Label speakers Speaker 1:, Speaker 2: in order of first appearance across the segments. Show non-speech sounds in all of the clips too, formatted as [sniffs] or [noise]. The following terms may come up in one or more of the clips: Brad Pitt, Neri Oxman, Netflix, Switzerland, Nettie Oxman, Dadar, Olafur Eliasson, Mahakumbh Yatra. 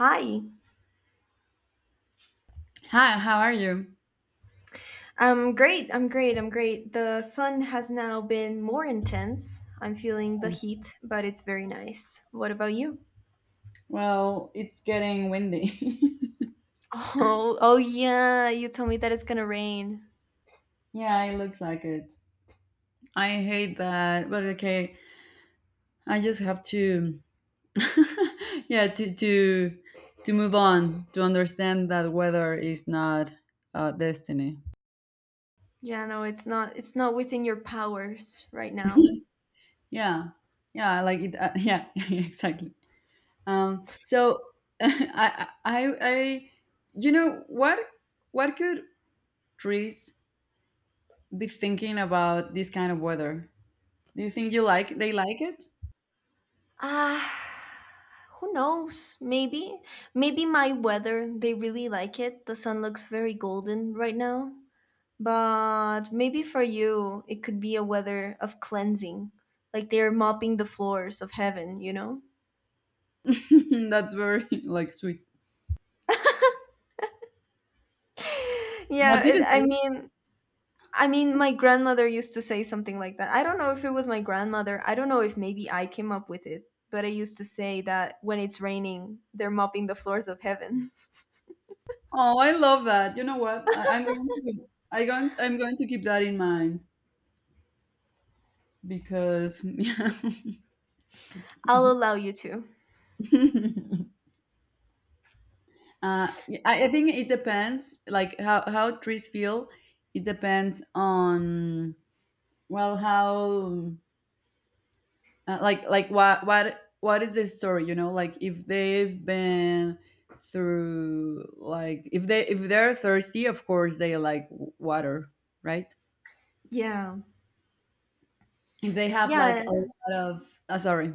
Speaker 1: Hi.
Speaker 2: Hi, how are you?
Speaker 1: I'm great. I'm great. I'm great. The sun has now been more intense. I'm feeling the heat, but it's very nice. What about you? [laughs]
Speaker 2: Well, it's getting windy.
Speaker 1: Oh, oh yeah, you told me that it's going to rain.
Speaker 2: [laughs] Yeah, it looks like it. I hate that, but okay. I just have to, [laughs] yeah, to move on to understand that weather is not destiny.
Speaker 1: Yeah, no, it's not within your powers right now.
Speaker 2: Yeah, yeah, like it. [laughs] Yeah, [laughs] exactly. So [laughs] I, I, I, I- you know what? What could trees be thinking about this kind of weather? Do you think you like they like it?
Speaker 1: Ah, who knows? Maybe maybe my weather, they really like it. The sun looks very golden right now. But maybe for you, it could be a weather of cleansing, like they're mopping the floors of heaven,
Speaker 2: [laughs] That's very, like, sweet. What
Speaker 1: Yeah,
Speaker 2: did
Speaker 1: it,
Speaker 2: you say?
Speaker 1: I mean, my grandmother used to say something like that. I don't know if it was my grandmother. I don't know if maybe I came up with it, but I used to say that when it's raining, they're mopping the floors of heaven.
Speaker 2: Oh, I love that. You know what? I, I'm going to I going I'm going to keep that in mind because [laughs] yeah.
Speaker 1: [laughs] I'll allow you to.
Speaker 2: Yeah, I think it depends, like how trees feel. It depends on, well, how, like what is the story? You know, like if they've been through, like, if they're thirsty, of course they like water, right?
Speaker 1: Yeah.
Speaker 2: If they have,
Speaker 1: Yeah.
Speaker 2: like, a lot of, sorry,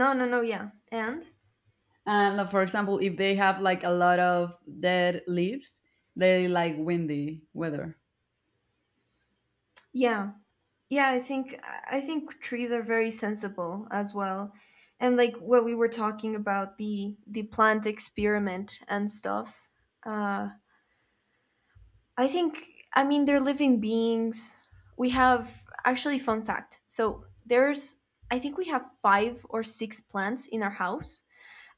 Speaker 1: No, no, no, yeah. And?
Speaker 2: and, for example, if they have like a lot of dead leaves, they like windy weather.
Speaker 1: Yeah. Yeah, I think trees are very sensible as well. And like what we were talking about the plant experiment and stuff. Uh I think I mean they're living beings. We have actually fun fact. So there's I think we have 5 or 6 plants in our house,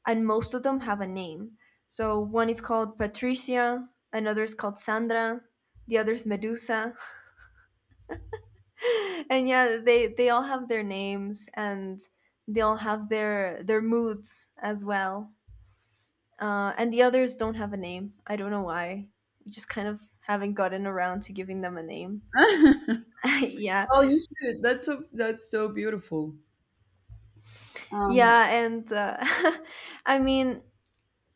Speaker 1: and most of them have a name. So one is called Patricia, another is called Sandra, the other is Medusa, and yeah, they all have their names, and they all have their moods as well. And the others don't have a name. I don't know why. We just kind of haven't gotten around to giving them a name.
Speaker 2: [laughs]
Speaker 1: [laughs] Yeah.
Speaker 2: Oh, you should. That's so beautiful. um
Speaker 1: Yeah. And [laughs] I mean,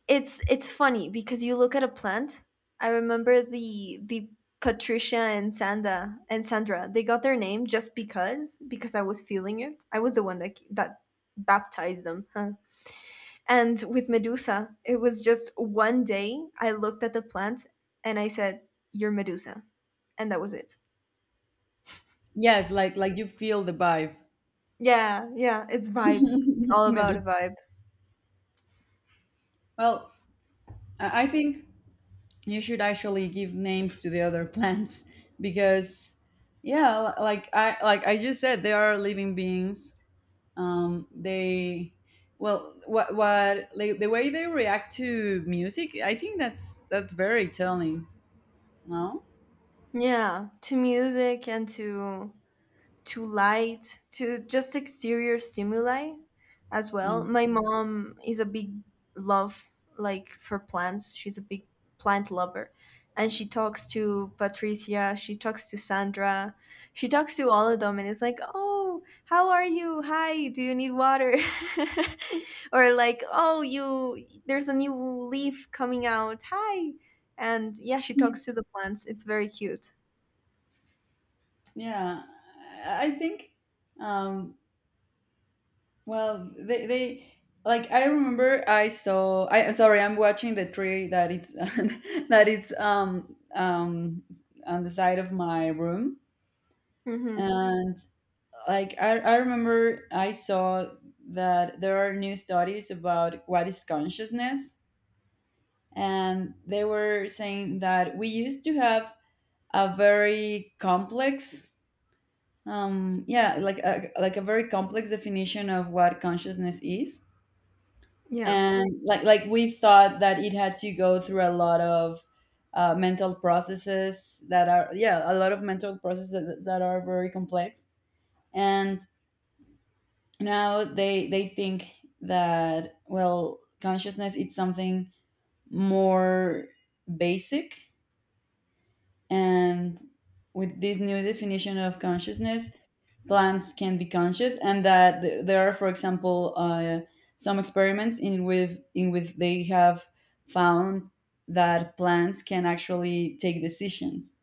Speaker 1: it's funny because you look at a plant. I remember the patricia and Sanda and Sandra, they got their name just because I was feeling it. I was the one that that baptized them. Huh? And with Medusa, it was just one day I looked at the plant and I said, "You're Medusa." And that was it.
Speaker 2: yes, like you feel the vibe.
Speaker 1: Yeah, yeah, it's vibes. It's
Speaker 2: [laughs]
Speaker 1: all
Speaker 2: Maybe,
Speaker 1: about a vibe.
Speaker 2: well, I think you should actually give names to the other [laughs] plants because yeah, like I like I just said, they are living beings. They Well, what, like, the way they react to music, I think that's very telling, no?
Speaker 1: Yeah, to music and to light, to just exterior stimuli as well.
Speaker 2: Yeah,
Speaker 1: My mom is a big love like for plants. She's a big plant lover. And she talks to Patricia, she talks to Sandra, she talks to all of them, and it's like, "Oh, how are you? Hi, do you need water?" [laughs] Or like, "Oh, you there's a new leaf coming out. Hi." And yeah, she talks to the plants. It's very cute.
Speaker 2: yeah, I think. um Well, they like I remember I saw I sorry, I'm watching the tree that it's [laughs] that it's on the side of my room,
Speaker 1: Mhm.
Speaker 2: and, like, I remember I saw that there are new studies about what is consciousness, and they were saying that we used to have a very complex, yeah, like a very complex definition of what consciousness is.
Speaker 1: Yeah.
Speaker 2: And, like we thought that it had to go through a lot of, mental processes that are, yeah, a lot of mental processes that are very complex. And now they think that, well, consciousness, it's something more basic. And with this new definition of consciousness, plants can be conscious, and that there are, for example, some experiments in which they have found that plants can actually take decisions.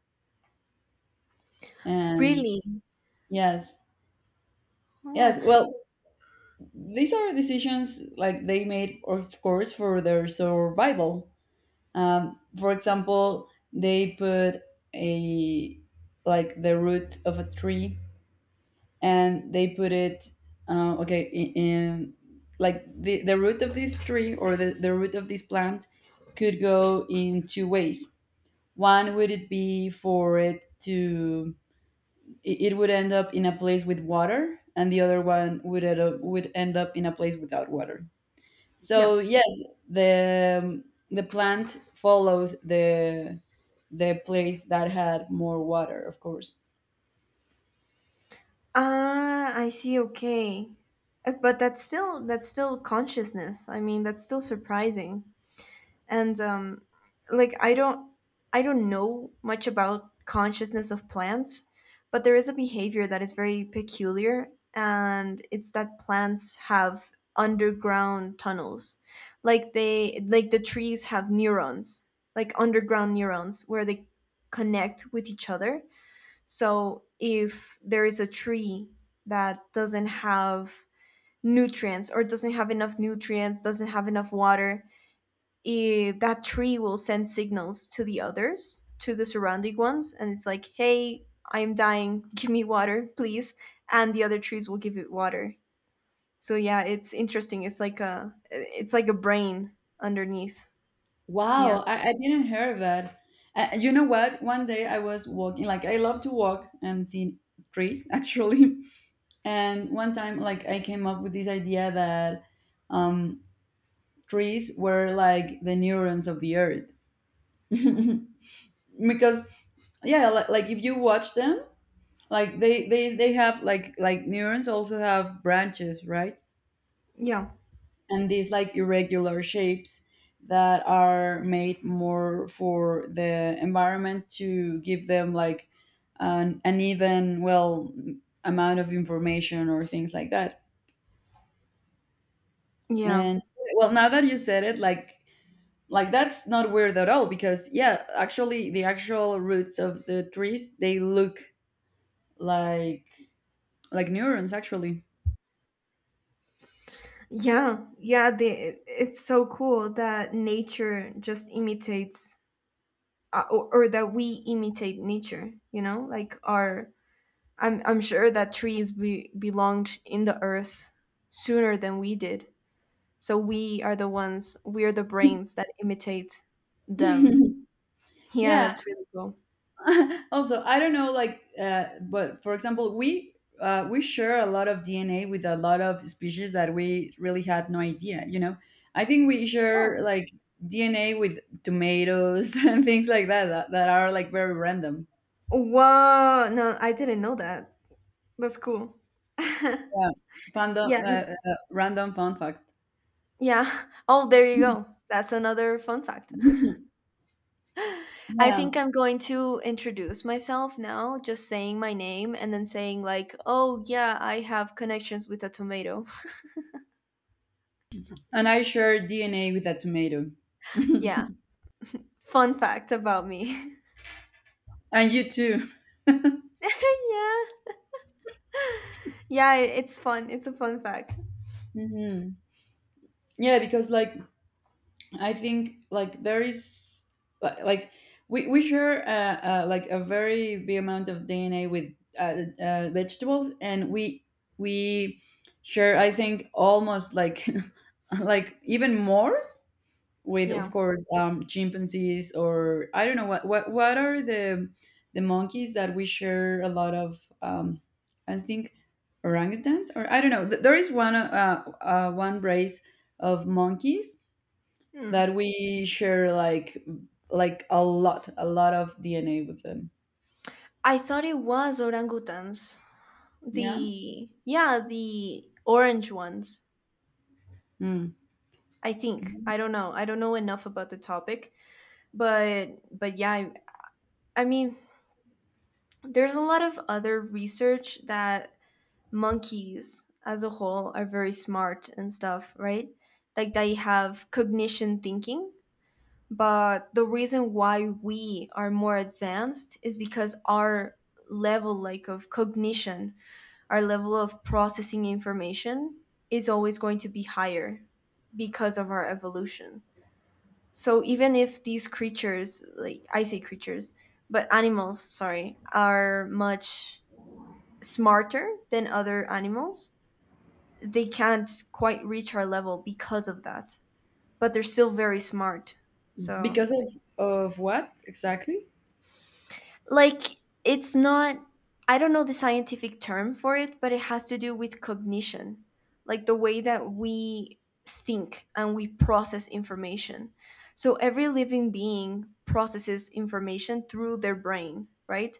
Speaker 2: And
Speaker 1: Really?
Speaker 2: yes.
Speaker 1: Oh.
Speaker 2: Yes. Well, these are decisions like they made, of course, for their survival. For example, they put a like the root of a tree, and they put it, okay, in, like the root of this tree, or the root of this plant could go in two ways. One, would it be for it to it it would end up in a place with water, and the other one, would end up in a place without water,
Speaker 1: Yeah.
Speaker 2: so yes, the the plant followed the place that had more water, of course.
Speaker 1: Ah, I see. Okay. But that's still consciousness. I mean, that's still surprising. And like I don't know much about consciousness of plants, but there is a behavior that is very peculiar, and it's that plants have underground tunnels. Like they like the trees have neurons, like underground neurons where they connect with each other. So if there is a tree that doesn't have nutrients or doesn't have enough nutrients, doesn't have enough water, eh, that tree will send signals to the others, to the surrounding ones, and it's like, hey, I'm dying, [laughs] give me water, please. And the other trees will give it water. So yeah, it's interesting. It's like a brain underneath. Yeah.
Speaker 2: Wow, I didn't hear of that. You know what? One day I was walking, like I love to walk and see trees [laughs] actually. And one time, like I came up with this idea that, um, trees were like the neurons of the earth, [laughs] because, yeah, like if you watch them, like they have, like neurons also have branches, right?
Speaker 1: Yeah.
Speaker 2: And these, like, irregular shapes that are made more for the environment to give them, like, an even, well, amount of information or things like that.
Speaker 1: Yeah.
Speaker 2: And, well, now that you said it, like, that's not weird at all, because, yeah, actually the actual roots of the trees, they look like like neurons actually.
Speaker 1: Yeah, yeah, the, it's so cool that nature just imitates, or that we imitate nature. You know, like our, I'm sure that trees be, belonged in the earth sooner than we did. So we are the ones, we are the brains that imitate them.
Speaker 2: [laughs]
Speaker 1: Yeah,
Speaker 2: Yeah.
Speaker 1: that's really cool.
Speaker 2: [laughs] Also, I don't know, like, but for example, we share a lot of DNA with a lot of species that we really had no idea, you know. I think we
Speaker 1: Yeah.
Speaker 2: share, like, DNA with tomatoes [laughs] and things like that that are, like, very random.
Speaker 1: Whoa! No, I didn't know that. That's cool. [laughs]
Speaker 2: Yeah. Fandom,
Speaker 1: Yeah,
Speaker 2: random fun fact.
Speaker 1: yeah. [laughs] Oh, there you go. That's another fun fact.
Speaker 2: [laughs]
Speaker 1: I
Speaker 2: Yeah.
Speaker 1: think I'm going to introduce myself now, just saying my name and then saying, like, oh, yeah, I have connections with a tomato. [laughs]
Speaker 2: And I share DNA with a tomato, [laughs]
Speaker 1: Yeah.
Speaker 2: and
Speaker 1: Fun fact about me. [laughs]
Speaker 2: you too.
Speaker 1: Yeah. Yeah, it's fun. It's a fun fact.
Speaker 2: Hmm. Yeah, because, like, I think, like, there is, like we share, like, a very big amount of DNA with, vegetables, and we share, I think, almost, like, [laughs] like even more with, of
Speaker 1: Yeah.
Speaker 2: course, chimpanzees, or I don't know what are the monkeys that we share a lot of, I think orangutans, or I don't know. There is one race of monkeys that
Speaker 1: Hmm.
Speaker 2: we share, like a lot of DNA with them.
Speaker 1: I thought it was orangutans.
Speaker 2: Yeah.
Speaker 1: The, yeah, the orange ones.
Speaker 2: Mm.
Speaker 1: I think. I don't know. I don't know enough about the topic, but yeah, I mean, there's a lot of other research that monkeys as a whole are very smart and stuff, right? Like they have cognition thinking. But the reason why we are more advanced is because our level like of cognition, our level of processing information is always going to be higher because of our evolution. So even if these creatures, like I say creatures, but animals, sorry, are much smarter than other animals, they can't quite reach our level because of that. But they're still very smart. So,
Speaker 2: Because of what exactly?
Speaker 1: like, it's not, I don't know the scientific term for it, but it has to do with cognition, like the way that we think and we process information. So, every living being processes information through their brain, right?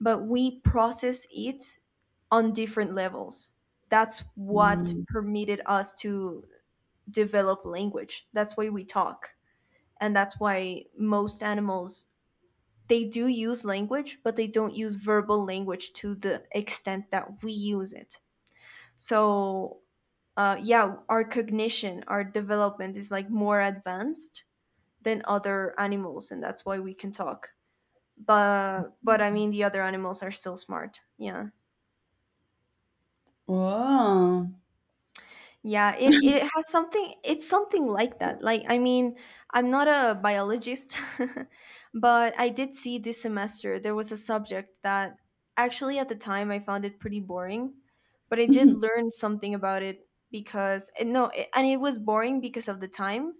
Speaker 1: But we process it on different levels. That's what
Speaker 2: Mm.
Speaker 1: permitted us to develop language. That's why we talk. And that's why most animals they do use language, but they don't use verbal language to the extent that we use it. So, yeah, our cognition, our development is like more advanced than other animals, and that's why we can talk. But I mean, the other animals are still smart. Yeah.
Speaker 2: Oh.
Speaker 1: Yeah, it has something it's something like that. Like I mean, I'm not a biologist, [laughs] but I did see this semester there was a subject that actually at the time I found it pretty boring, but I did
Speaker 2: [laughs]
Speaker 1: learn something about it because and no, it, and it was boring because of the time,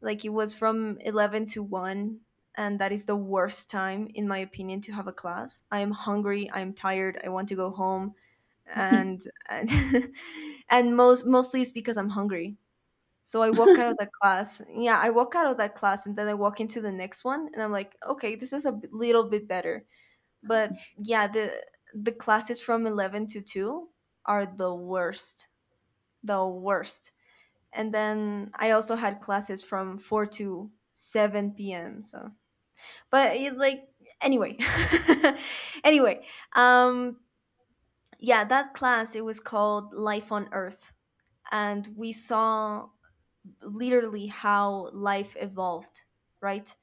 Speaker 1: like it was from 11 to 1, and that is the worst time in my opinion to have a class. I am hungry, I'm tired, I want to go home, and and, [laughs] and most mostly it's because I'm hungry. So I walk out of that class. Yeah, I walk out of that class and then I walk into the next one and I'm like, "Okay, this is a little bit better." But yeah, the classes from 11 to 2 are the worst. The worst. And then I also had classes from 4 to 7 p.m. So, but it, like anyway, [laughs] anyway, um, yeah, that class it was called Life on Earth, and we saw literally how life evolved, right?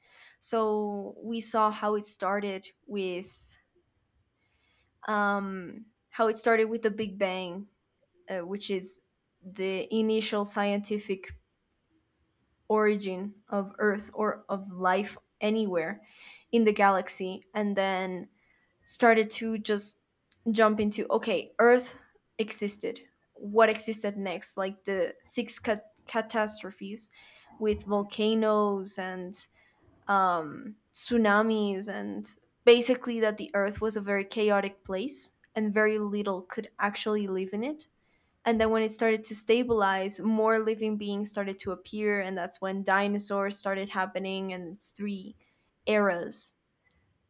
Speaker 1: So we saw how it started with how it started with the Big Bang, which is the initial scientific origin of Earth or of life anywhere in the galaxy, and then started to just jump into okay, Earth existed. What existed next? Like the six catastrophes with volcanoes and tsunamis, and basically that the Earth was a very chaotic place and very little could actually live in it. And then when it started to stabilize, more living beings started to appear, and that's when dinosaurs started happening, and it's three eras,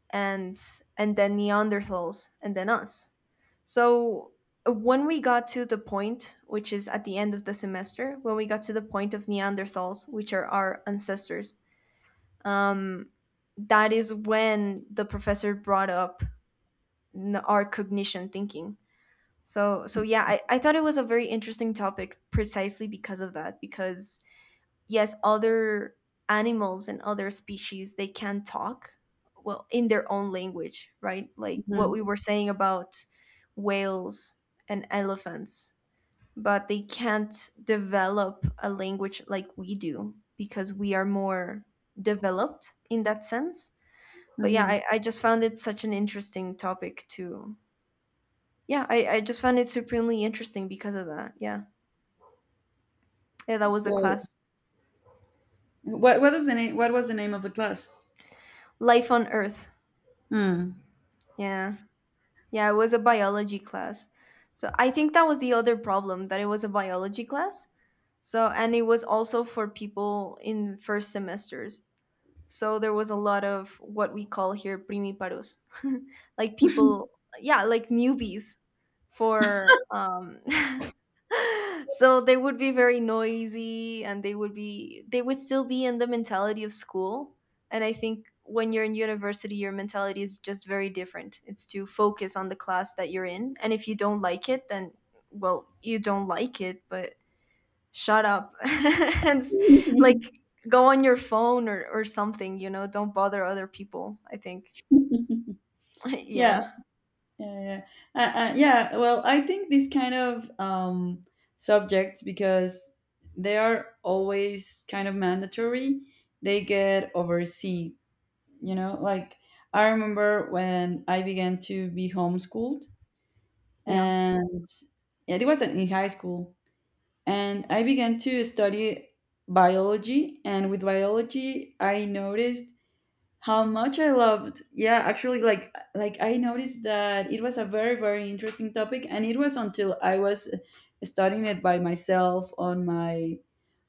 Speaker 1: and and then Neanderthals, and then us. So when we got to the point, which is at the end of the semester, when we got to the point of Neanderthals, which are our ancestors, um, that is when the professor brought up our cognition thinking. So so yeah, I thought it was a very interesting topic precisely because of that. Because yes, other animals and other species they can talk well in their own language, right? Like what
Speaker 2: Mhm,
Speaker 1: we were saying about whales and elephants, but they can't develop a language like we do because we are more developed in that sense. But yeah,
Speaker 2: mhm.
Speaker 1: I just found it such an interesting topic to yeah, I just found it supremely interesting because of that. Yeah. Yeah, that was the
Speaker 2: So
Speaker 1: class.
Speaker 2: what was the name of the class?
Speaker 1: Life on Earth.
Speaker 2: Hmm.
Speaker 1: Yeah. Yeah, it was a biology class. So I think that was the other problem that it was a biology class. So and it was also for people in first semesters. So there was a lot of what we call here primiparos, [laughs] like people, yeah, like newbies for [laughs] so they would be very noisy, and they would still be in the mentality of school. And I think when you're in university your mentality is just very different. It's to focus on the class that you're in, and if you don't like it then well, you don't like it, but shut up [laughs] and s- like
Speaker 2: [laughs]
Speaker 1: go on your phone, or something. You know, don't bother other people. I think
Speaker 2: Yeah,
Speaker 1: [laughs] yeah.
Speaker 2: yeah, yeah. Yeah. Yeah, well, I think these kind of subjects, because they are always kind of mandatory, they get overseen, you know, like I remember when I began to be homeschooled,
Speaker 1: Yeah.
Speaker 2: and yeah, it wasn't in high school, and I began to study biology, and with biology I noticed how much I loved. Yeah, actually, like I noticed that it was a very, very interesting topic, and it was until I was studying it by myself on my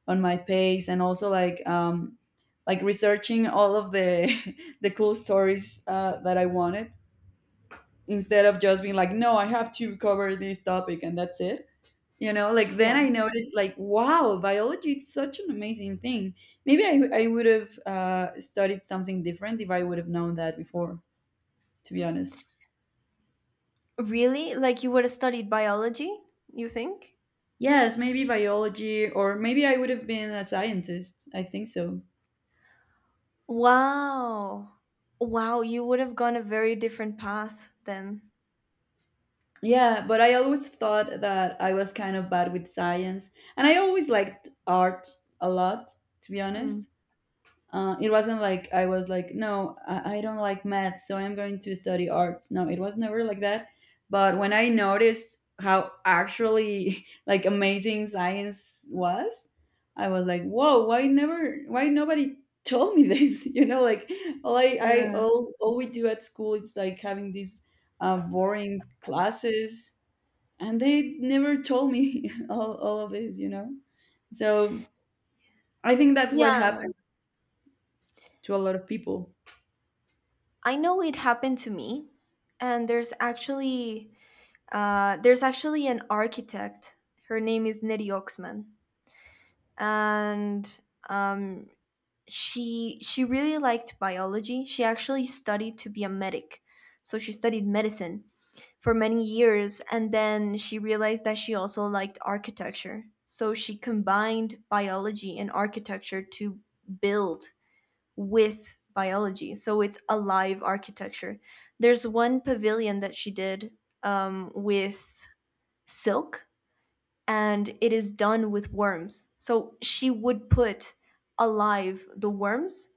Speaker 2: on my pace, and also, like, like researching all of the [laughs] the cool stories, that I wanted, instead of just being like, no, I have to cover this topic and that's it. You know, like then
Speaker 1: Yeah.
Speaker 2: I noticed, like, wow, biology is such an amazing thing. Maybe I would have, studied something different if I would have known that before, to be honest.
Speaker 1: Really? Like you would have studied biology, you think?
Speaker 2: Yes, maybe biology, or maybe I would have been a scientist. I think so.
Speaker 1: Wow. Wow, you would have gone a very different path then.
Speaker 2: Yeah, but I always thought that I was kind of bad with science, and I always liked art a lot, to be
Speaker 1: Hmm.
Speaker 2: honest. It wasn't like I was like, no, I don't like math, so I'm going to study arts. No, it was never like that. But when I noticed how actually [laughs] like amazing science was, I was like, whoa, why never, why nobody told me this? [laughs] You know, like all
Speaker 1: Yeah.
Speaker 2: all we do at school is like having these boring classes, and they never told me [laughs] all of this, you know? So I think that's what
Speaker 1: Yeah,
Speaker 2: happened to a lot of people.
Speaker 1: I know it happened to me. And there's actually an architect, her name is Nettie Oxman. And um she really liked biology. She actually studied to be a medic. So she studied medicine for many years and then she realized that she also liked architecture. So she combined biology and architecture to build with biology. So it's alive architecture. There's one pavilion that she did with silk, and it is done with worms. So she would put alive the worms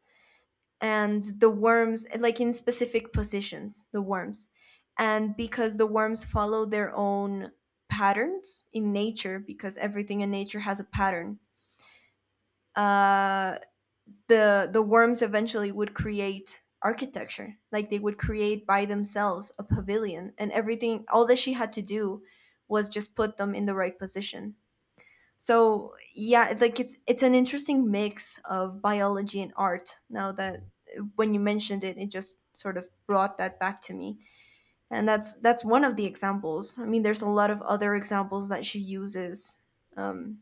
Speaker 1: and the worms, like, in specific positions the worms, and because the worms follow their own patterns in nature, because everything in nature has a pattern, uh, the worms eventually would create architecture. Like they would create by themselves a pavilion and everything. All that she had to do was just put them in the right position. So yeah, it's like it's an interesting mix of biology and art. Now that when you mentioned it, it just sort of brought that back to me. And that's one of the examples. I mean, there's a lot of other examples that she uses, um,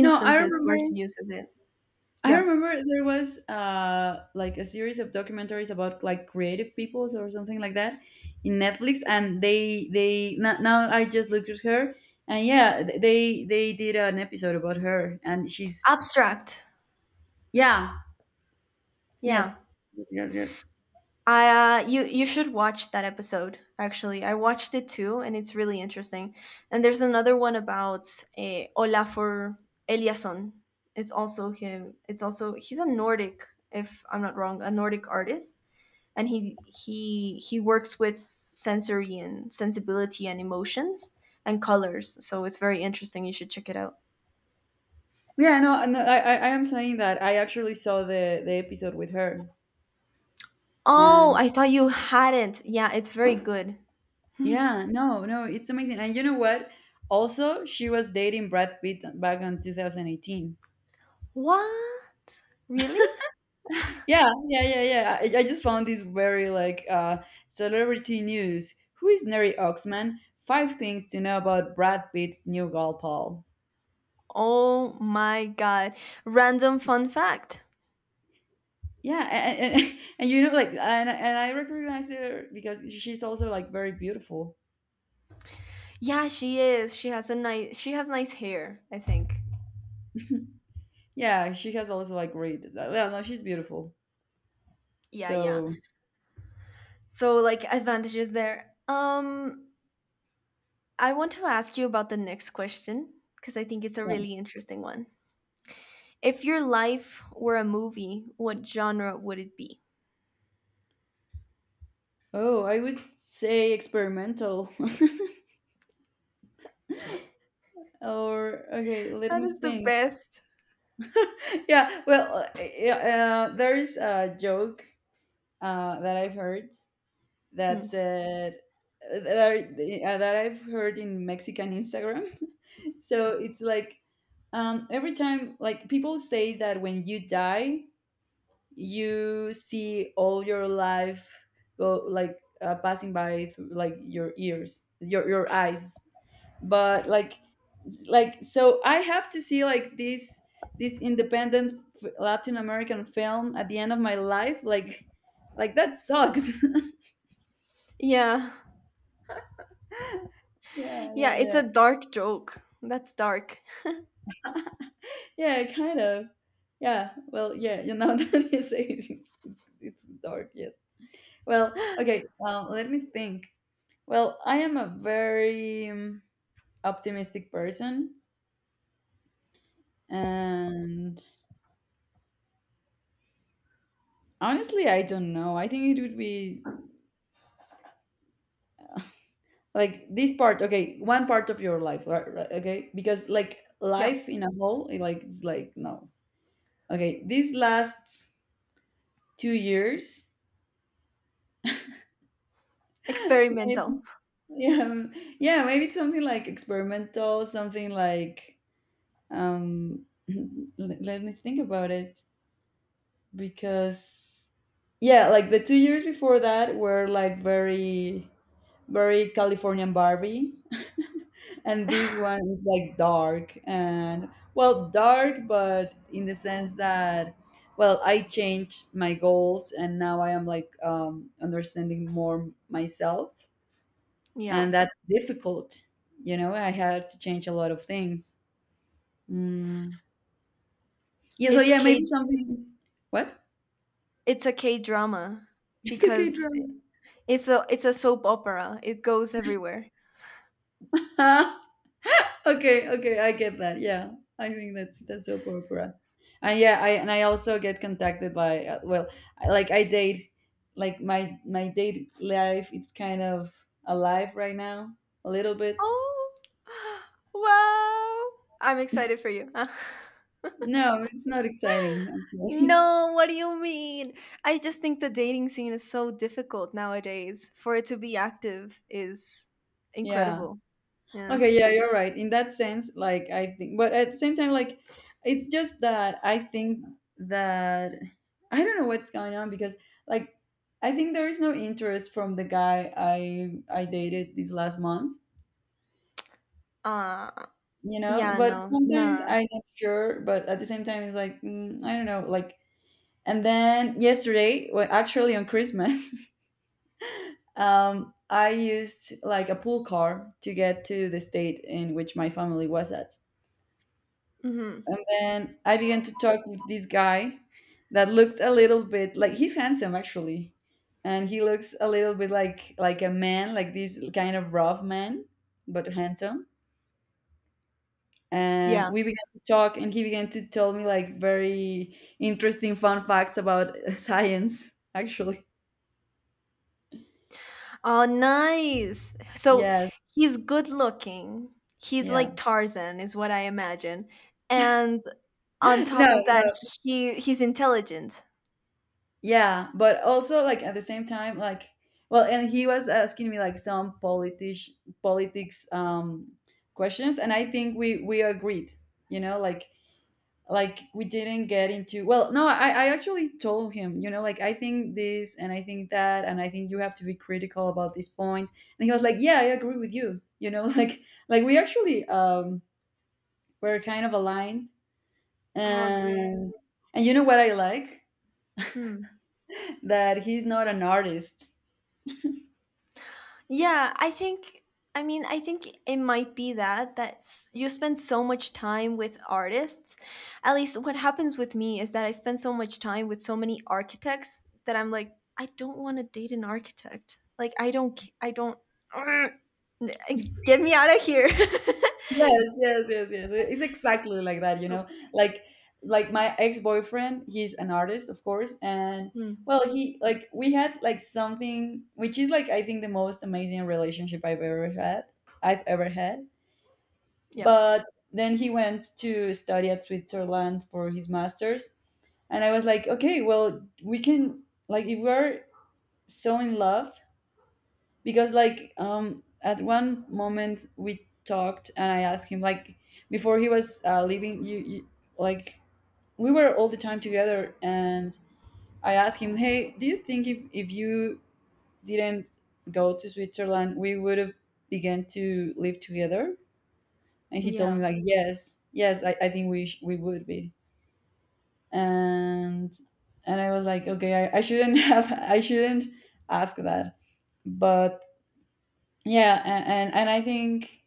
Speaker 2: No, I
Speaker 1: where she
Speaker 2: remember.
Speaker 1: uses it.
Speaker 2: I
Speaker 1: Yeah.
Speaker 2: remember there was, like, a series of documentaries about like creative peoples or something like that in Netflix, and they now I just looked at her, and yeah, they did an episode about her, and she's,
Speaker 1: Abstract.
Speaker 2: yeah, yes,
Speaker 1: Yeah.
Speaker 2: yes, yes.
Speaker 1: You should watch that episode. Actually, I watched it too, and it's really interesting. And there's another one about Olafur Eliasson. It's also him. It's also, he's a Nordic, if I'm not wrong, a Nordic artist, and he he works with sensory and sensibility and emotions and colors. So it's very interesting. You should check it out.
Speaker 2: Yeah, no, no, I am saying that I actually saw the episode with her,
Speaker 1: Oh,
Speaker 2: and
Speaker 1: I thought you hadn't. Yeah, it's very good.
Speaker 2: yeah, no, no, it's amazing, and you know what? Also, she was dating Brad Pitt back in 2018.
Speaker 1: What? Really?
Speaker 2: Yeah, yeah, yeah, yeah. I just found this, very, like, celebrity news. Who is Neri Oxman? Five things to know about Brad Pitt's new gal pal.
Speaker 1: Oh my god. Random fun fact.
Speaker 2: Yeah, [laughs] and you know, like, and I recognize her because she's also, like, very beautiful.
Speaker 1: Yeah, she is. She has a nice, she has nice hair, I think.
Speaker 2: [laughs] Yeah, she has also, like, great. Well, no, she's beautiful.
Speaker 1: Yeah, yeah.
Speaker 2: So
Speaker 1: So, like, advantages there. Um, I want to ask you about the next question because I think it's a
Speaker 2: yeah.
Speaker 1: really interesting one. If your life were a movie, what genre would it be?
Speaker 2: Oh, I would say experimental. [laughs] Or, okay, let
Speaker 1: That
Speaker 2: me
Speaker 1: is the
Speaker 2: think.
Speaker 1: best.
Speaker 2: [laughs] Yeah, well, yeah, there is a joke, that I've heard, that
Speaker 1: Hmm.
Speaker 2: said that I've heard in Mexican Instagram. [laughs] So it's like, every time, like people say that when you die, you see all your life go, like, passing by through, like, your ears, your eyes, but, like, so I have to see, like, this independent Latin American film at the end of my life, like that sucks. [laughs]
Speaker 1: Yeah.
Speaker 2: Yeah.
Speaker 1: Yeah,
Speaker 2: Yeah,
Speaker 1: it's
Speaker 2: yeah.
Speaker 1: a dark joke. That's dark.
Speaker 2: Yeah, kind of. Yeah, well, yeah, you know, [laughs] that you say it, it's dark, yes. Well, okay, let me think. Well, I am a very, optimistic person. And honestly, I don't know. I think it would be like this part, okay, one part of your life, right, right, okay? Because, like,
Speaker 1: Yeah.
Speaker 2: life in a whole, like it's like, no. Okay, these last 2 years, [laughs]
Speaker 1: Experimental.
Speaker 2: maybe- yeah, yeah, maybe it's something like experimental, something like um [laughs] let me think about it. Because yeah, like the 2 years before that were like very, very Californian Barbie, [laughs] and this
Speaker 1: [laughs]
Speaker 2: one is like dark, and, well, dark, but in the sense that, well, I changed my goals and now I am, like, understanding more myself,
Speaker 1: Yeah.
Speaker 2: and that's difficult. I had to change a lot of things. Mm. Yeah, so
Speaker 1: It's
Speaker 2: yeah, maybe
Speaker 1: cagey.
Speaker 2: something. What?
Speaker 1: It's a K drama
Speaker 2: [laughs] It's okay
Speaker 1: because
Speaker 2: Drew.
Speaker 1: it's a soap opera. It goes everywhere.
Speaker 2: [laughs] Okay, okay, I get that, yeah. I think that's soap opera. And yeah, I also get contacted by well, like I date. Like my date life, it's kind of alive right now, a little bit.
Speaker 1: Oh, [gasps] wow! I'm excited for you. [laughs]
Speaker 2: No, it's not exciting, actually.
Speaker 1: No, what do you mean? I just think the dating scene is so difficult nowadays. For it to be active is
Speaker 2: [laughs] yeah.
Speaker 1: incredible. Yeah.
Speaker 2: Okay, yeah, you're right. In that sense, like I think, but at the same time, like it's just that I think that I don't know what's going on because, like, I think there is no interest from the guy I dated this last month,
Speaker 1: Uh,
Speaker 2: you know.
Speaker 1: yeah,
Speaker 2: But
Speaker 1: no.
Speaker 2: sometimes
Speaker 1: Nah.
Speaker 2: I'm not sure, but at the same time, it's like I don't know, like. And then yesterday, well, actually on Christmas, [laughs] I used like a pool car to get to the state in which my family was at.
Speaker 1: Mhm.
Speaker 2: And then I began to talk with this guy that looked a little bit like he's handsome, actually. And he looks a little bit like a man, like this kind of rough man, but handsome. And
Speaker 1: Yeah.
Speaker 2: we began to talk and he began to tell me like very interesting fun facts about [laughs] science, actually.
Speaker 1: Oh, nice. So,
Speaker 2: Yes,
Speaker 1: he's good looking. He's
Speaker 2: yeah.
Speaker 1: like Tarzan is what I imagine. And on
Speaker 2: [laughs] No,
Speaker 1: top of that,
Speaker 2: no.
Speaker 1: he's intelligent.
Speaker 2: Yeah, but also like at the same time, like well, and he was asking me like some politish, politics questions, and I think we agreed, you know, like we didn't get into, well no, I actually told him, you know, like I think this and I think that and I think you have to be critical about this point. And he was like, yeah, I agree with you, you know, [laughs] like we actually were kind of aligned.
Speaker 1: Oh, great.
Speaker 2: and and you know what I like?
Speaker 1: Hmm.
Speaker 2: [laughs] that he's not an artist. [laughs]
Speaker 1: Yeah, I think, I mean, I think it might be that you spend so much time with artists. At least what happens with me is that I spend so much time with so many architects that I'm like, I don't want to date an architect. Like I don't [sniffs] ugh. Get me out of here. [laughs]
Speaker 2: Yes, yes, yes, yes. It's exactly like that, you know.
Speaker 1: Oh, jeez.
Speaker 2: Like like my ex-boyfriend, he's an artist, of course, and
Speaker 1: Hmm.
Speaker 2: well, he like we had like something which is like I think the most amazing relationship I've ever had.
Speaker 1: Yeah.
Speaker 2: But then he went to study at Switzerland for his master's. And I was like, okay, well, we can, like, if we're so in love, because, at one moment we talked and I asked him, like, before he was leaving, like, we were all the time together. And I asked him, hey, do you think if you didn't go to Switzerland, we would have began to live together? And he told me
Speaker 1: Yeah.
Speaker 2: like, yes, yes, I think we we would be. And I was like, okay, I shouldn't [laughs] have, I shouldn't ask that. But yeah, and I think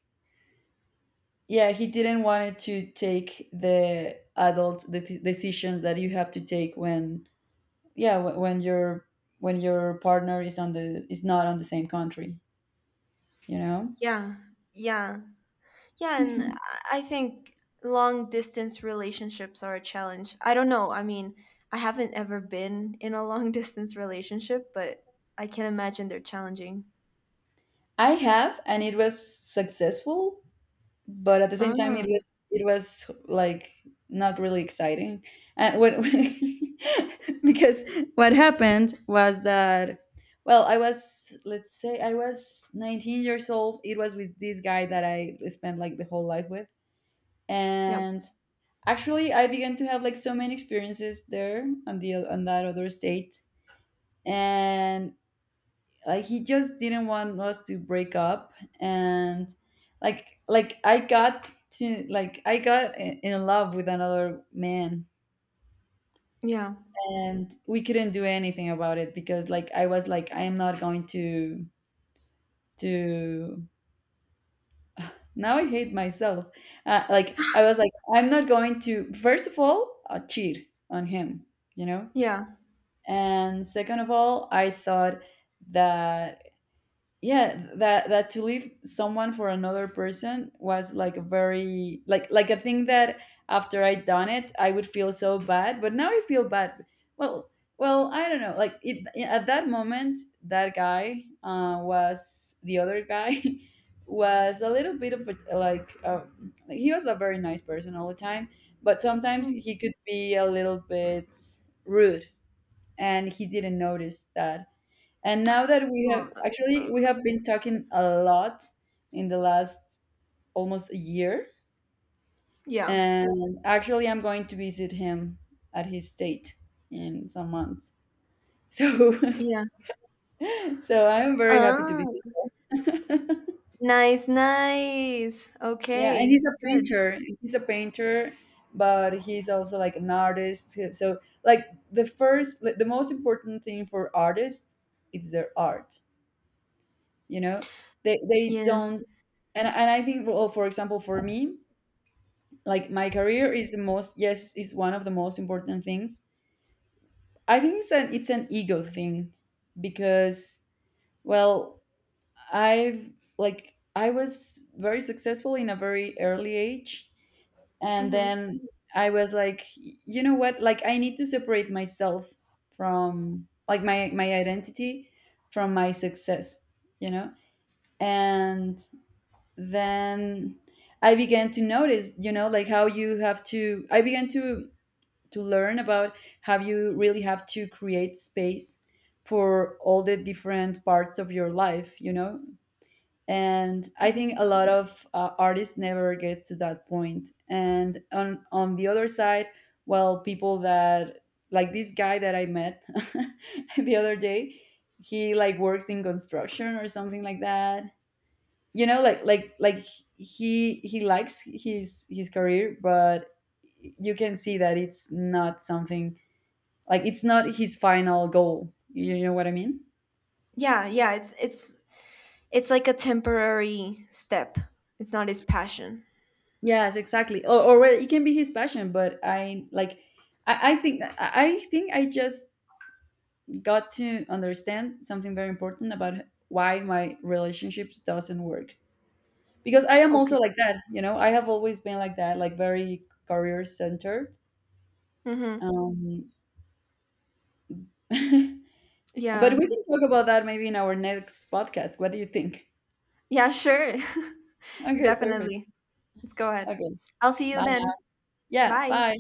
Speaker 2: yeah, he didn't want it to take the adult the decisions that you have to take when yeah when your partner is on the is not on the same country. You know,
Speaker 1: Yeah. Yeah. Yeah, and I think long distance relationships are a challenge. I don't know. I mean, I haven't ever been in a long [laughs] distance relationship, but I can imagine they're challenging.
Speaker 2: I have, and it was successful, but at the same time it
Speaker 1: Ah,
Speaker 2: was like not really exciting. And what, [laughs] because what happened was that, well, I was, let's say I was 19 years old. It was with this guy that I spent like the whole life with.
Speaker 1: yeah,
Speaker 2: And actually I began to have like so many experiences there on the on that other state. And like he just didn't want us to break up. And like I got to like I got in love with another man.
Speaker 1: yeah,
Speaker 2: And we couldn't do anything about it because like I was like I am not going to now I hate myself. Like I was like I'm not going to, first of all, cheat on him, you know.
Speaker 1: yeah.
Speaker 2: And second of all, I thought that yeah, that to leave someone for another person was like a very like a thing that after I'd done it I would feel so bad, but now I feel bad. Well, well I don't know, like, it, at that moment that guy, was the other guy, [laughs] was a little bit of a like, he was a very nice person all the time, but sometimes he
Speaker 1: Hmm.
Speaker 2: could be a little bit rude. And he didn't notice that. And now that we
Speaker 1: Well,
Speaker 2: have,
Speaker 1: that's
Speaker 2: actually
Speaker 1: so.
Speaker 2: we have been talking a lot in the last almost a year,
Speaker 1: Yeah,
Speaker 2: and actually I'm going to visit him at his state in some months. So
Speaker 1: yeah.
Speaker 2: [laughs] so I'm very happy to
Speaker 1: Ah,
Speaker 2: visit. [laughs]
Speaker 1: nice, nice.
Speaker 2: Yeah, and he's
Speaker 1: Okay,
Speaker 2: a
Speaker 1: good.
Speaker 2: painter. He's a painter, but he's also like an artist. So like the first like, the most important thing for artists is their art, you know? They
Speaker 1: Yeah.
Speaker 2: don't. And I think, well for example for me, like my career is the most, yes, is one of the most important things. I think it's an ego thing. Because, well, I've like I was very successful in a very early age. And
Speaker 1: Hmm.
Speaker 2: then I was like, you know what, like I need to separate myself from like my identity from my success, you know. And then I began to notice, you know, like how you have to, I began to learn about how you really have to create space for all the different parts of your life, you know? And I
Speaker 1: Hmm.
Speaker 2: think a lot of artists never get to that point. And on the other side, well, people that, like this guy that I met [laughs] the other day, he like works in construction or something like that. You know, like he likes his career, but you can see that it's not something like it's not his final goal. You know what I mean?
Speaker 1: Yeah, yeah. It's like a temporary step. It's not his passion.
Speaker 2: Yes, exactly. Or well, it can be his passion, but I like. I think I think I just got to understand something very important about why my relationships doesn't work, because I am also
Speaker 1: Okay.
Speaker 2: like that. You know, I have always been like that, like very career centered.
Speaker 1: Mm-hmm.
Speaker 2: Um, [laughs] but we
Speaker 1: Yeah.
Speaker 2: can talk about that maybe in our next podcast. What do you think?
Speaker 1: Yeah, sure. [laughs]
Speaker 2: Okay, perfect.
Speaker 1: Definitely. Let's go ahead.
Speaker 2: Okay,
Speaker 1: I'll see you
Speaker 2: bye.
Speaker 1: then.
Speaker 2: Yeah,
Speaker 1: Bye.
Speaker 2: bye.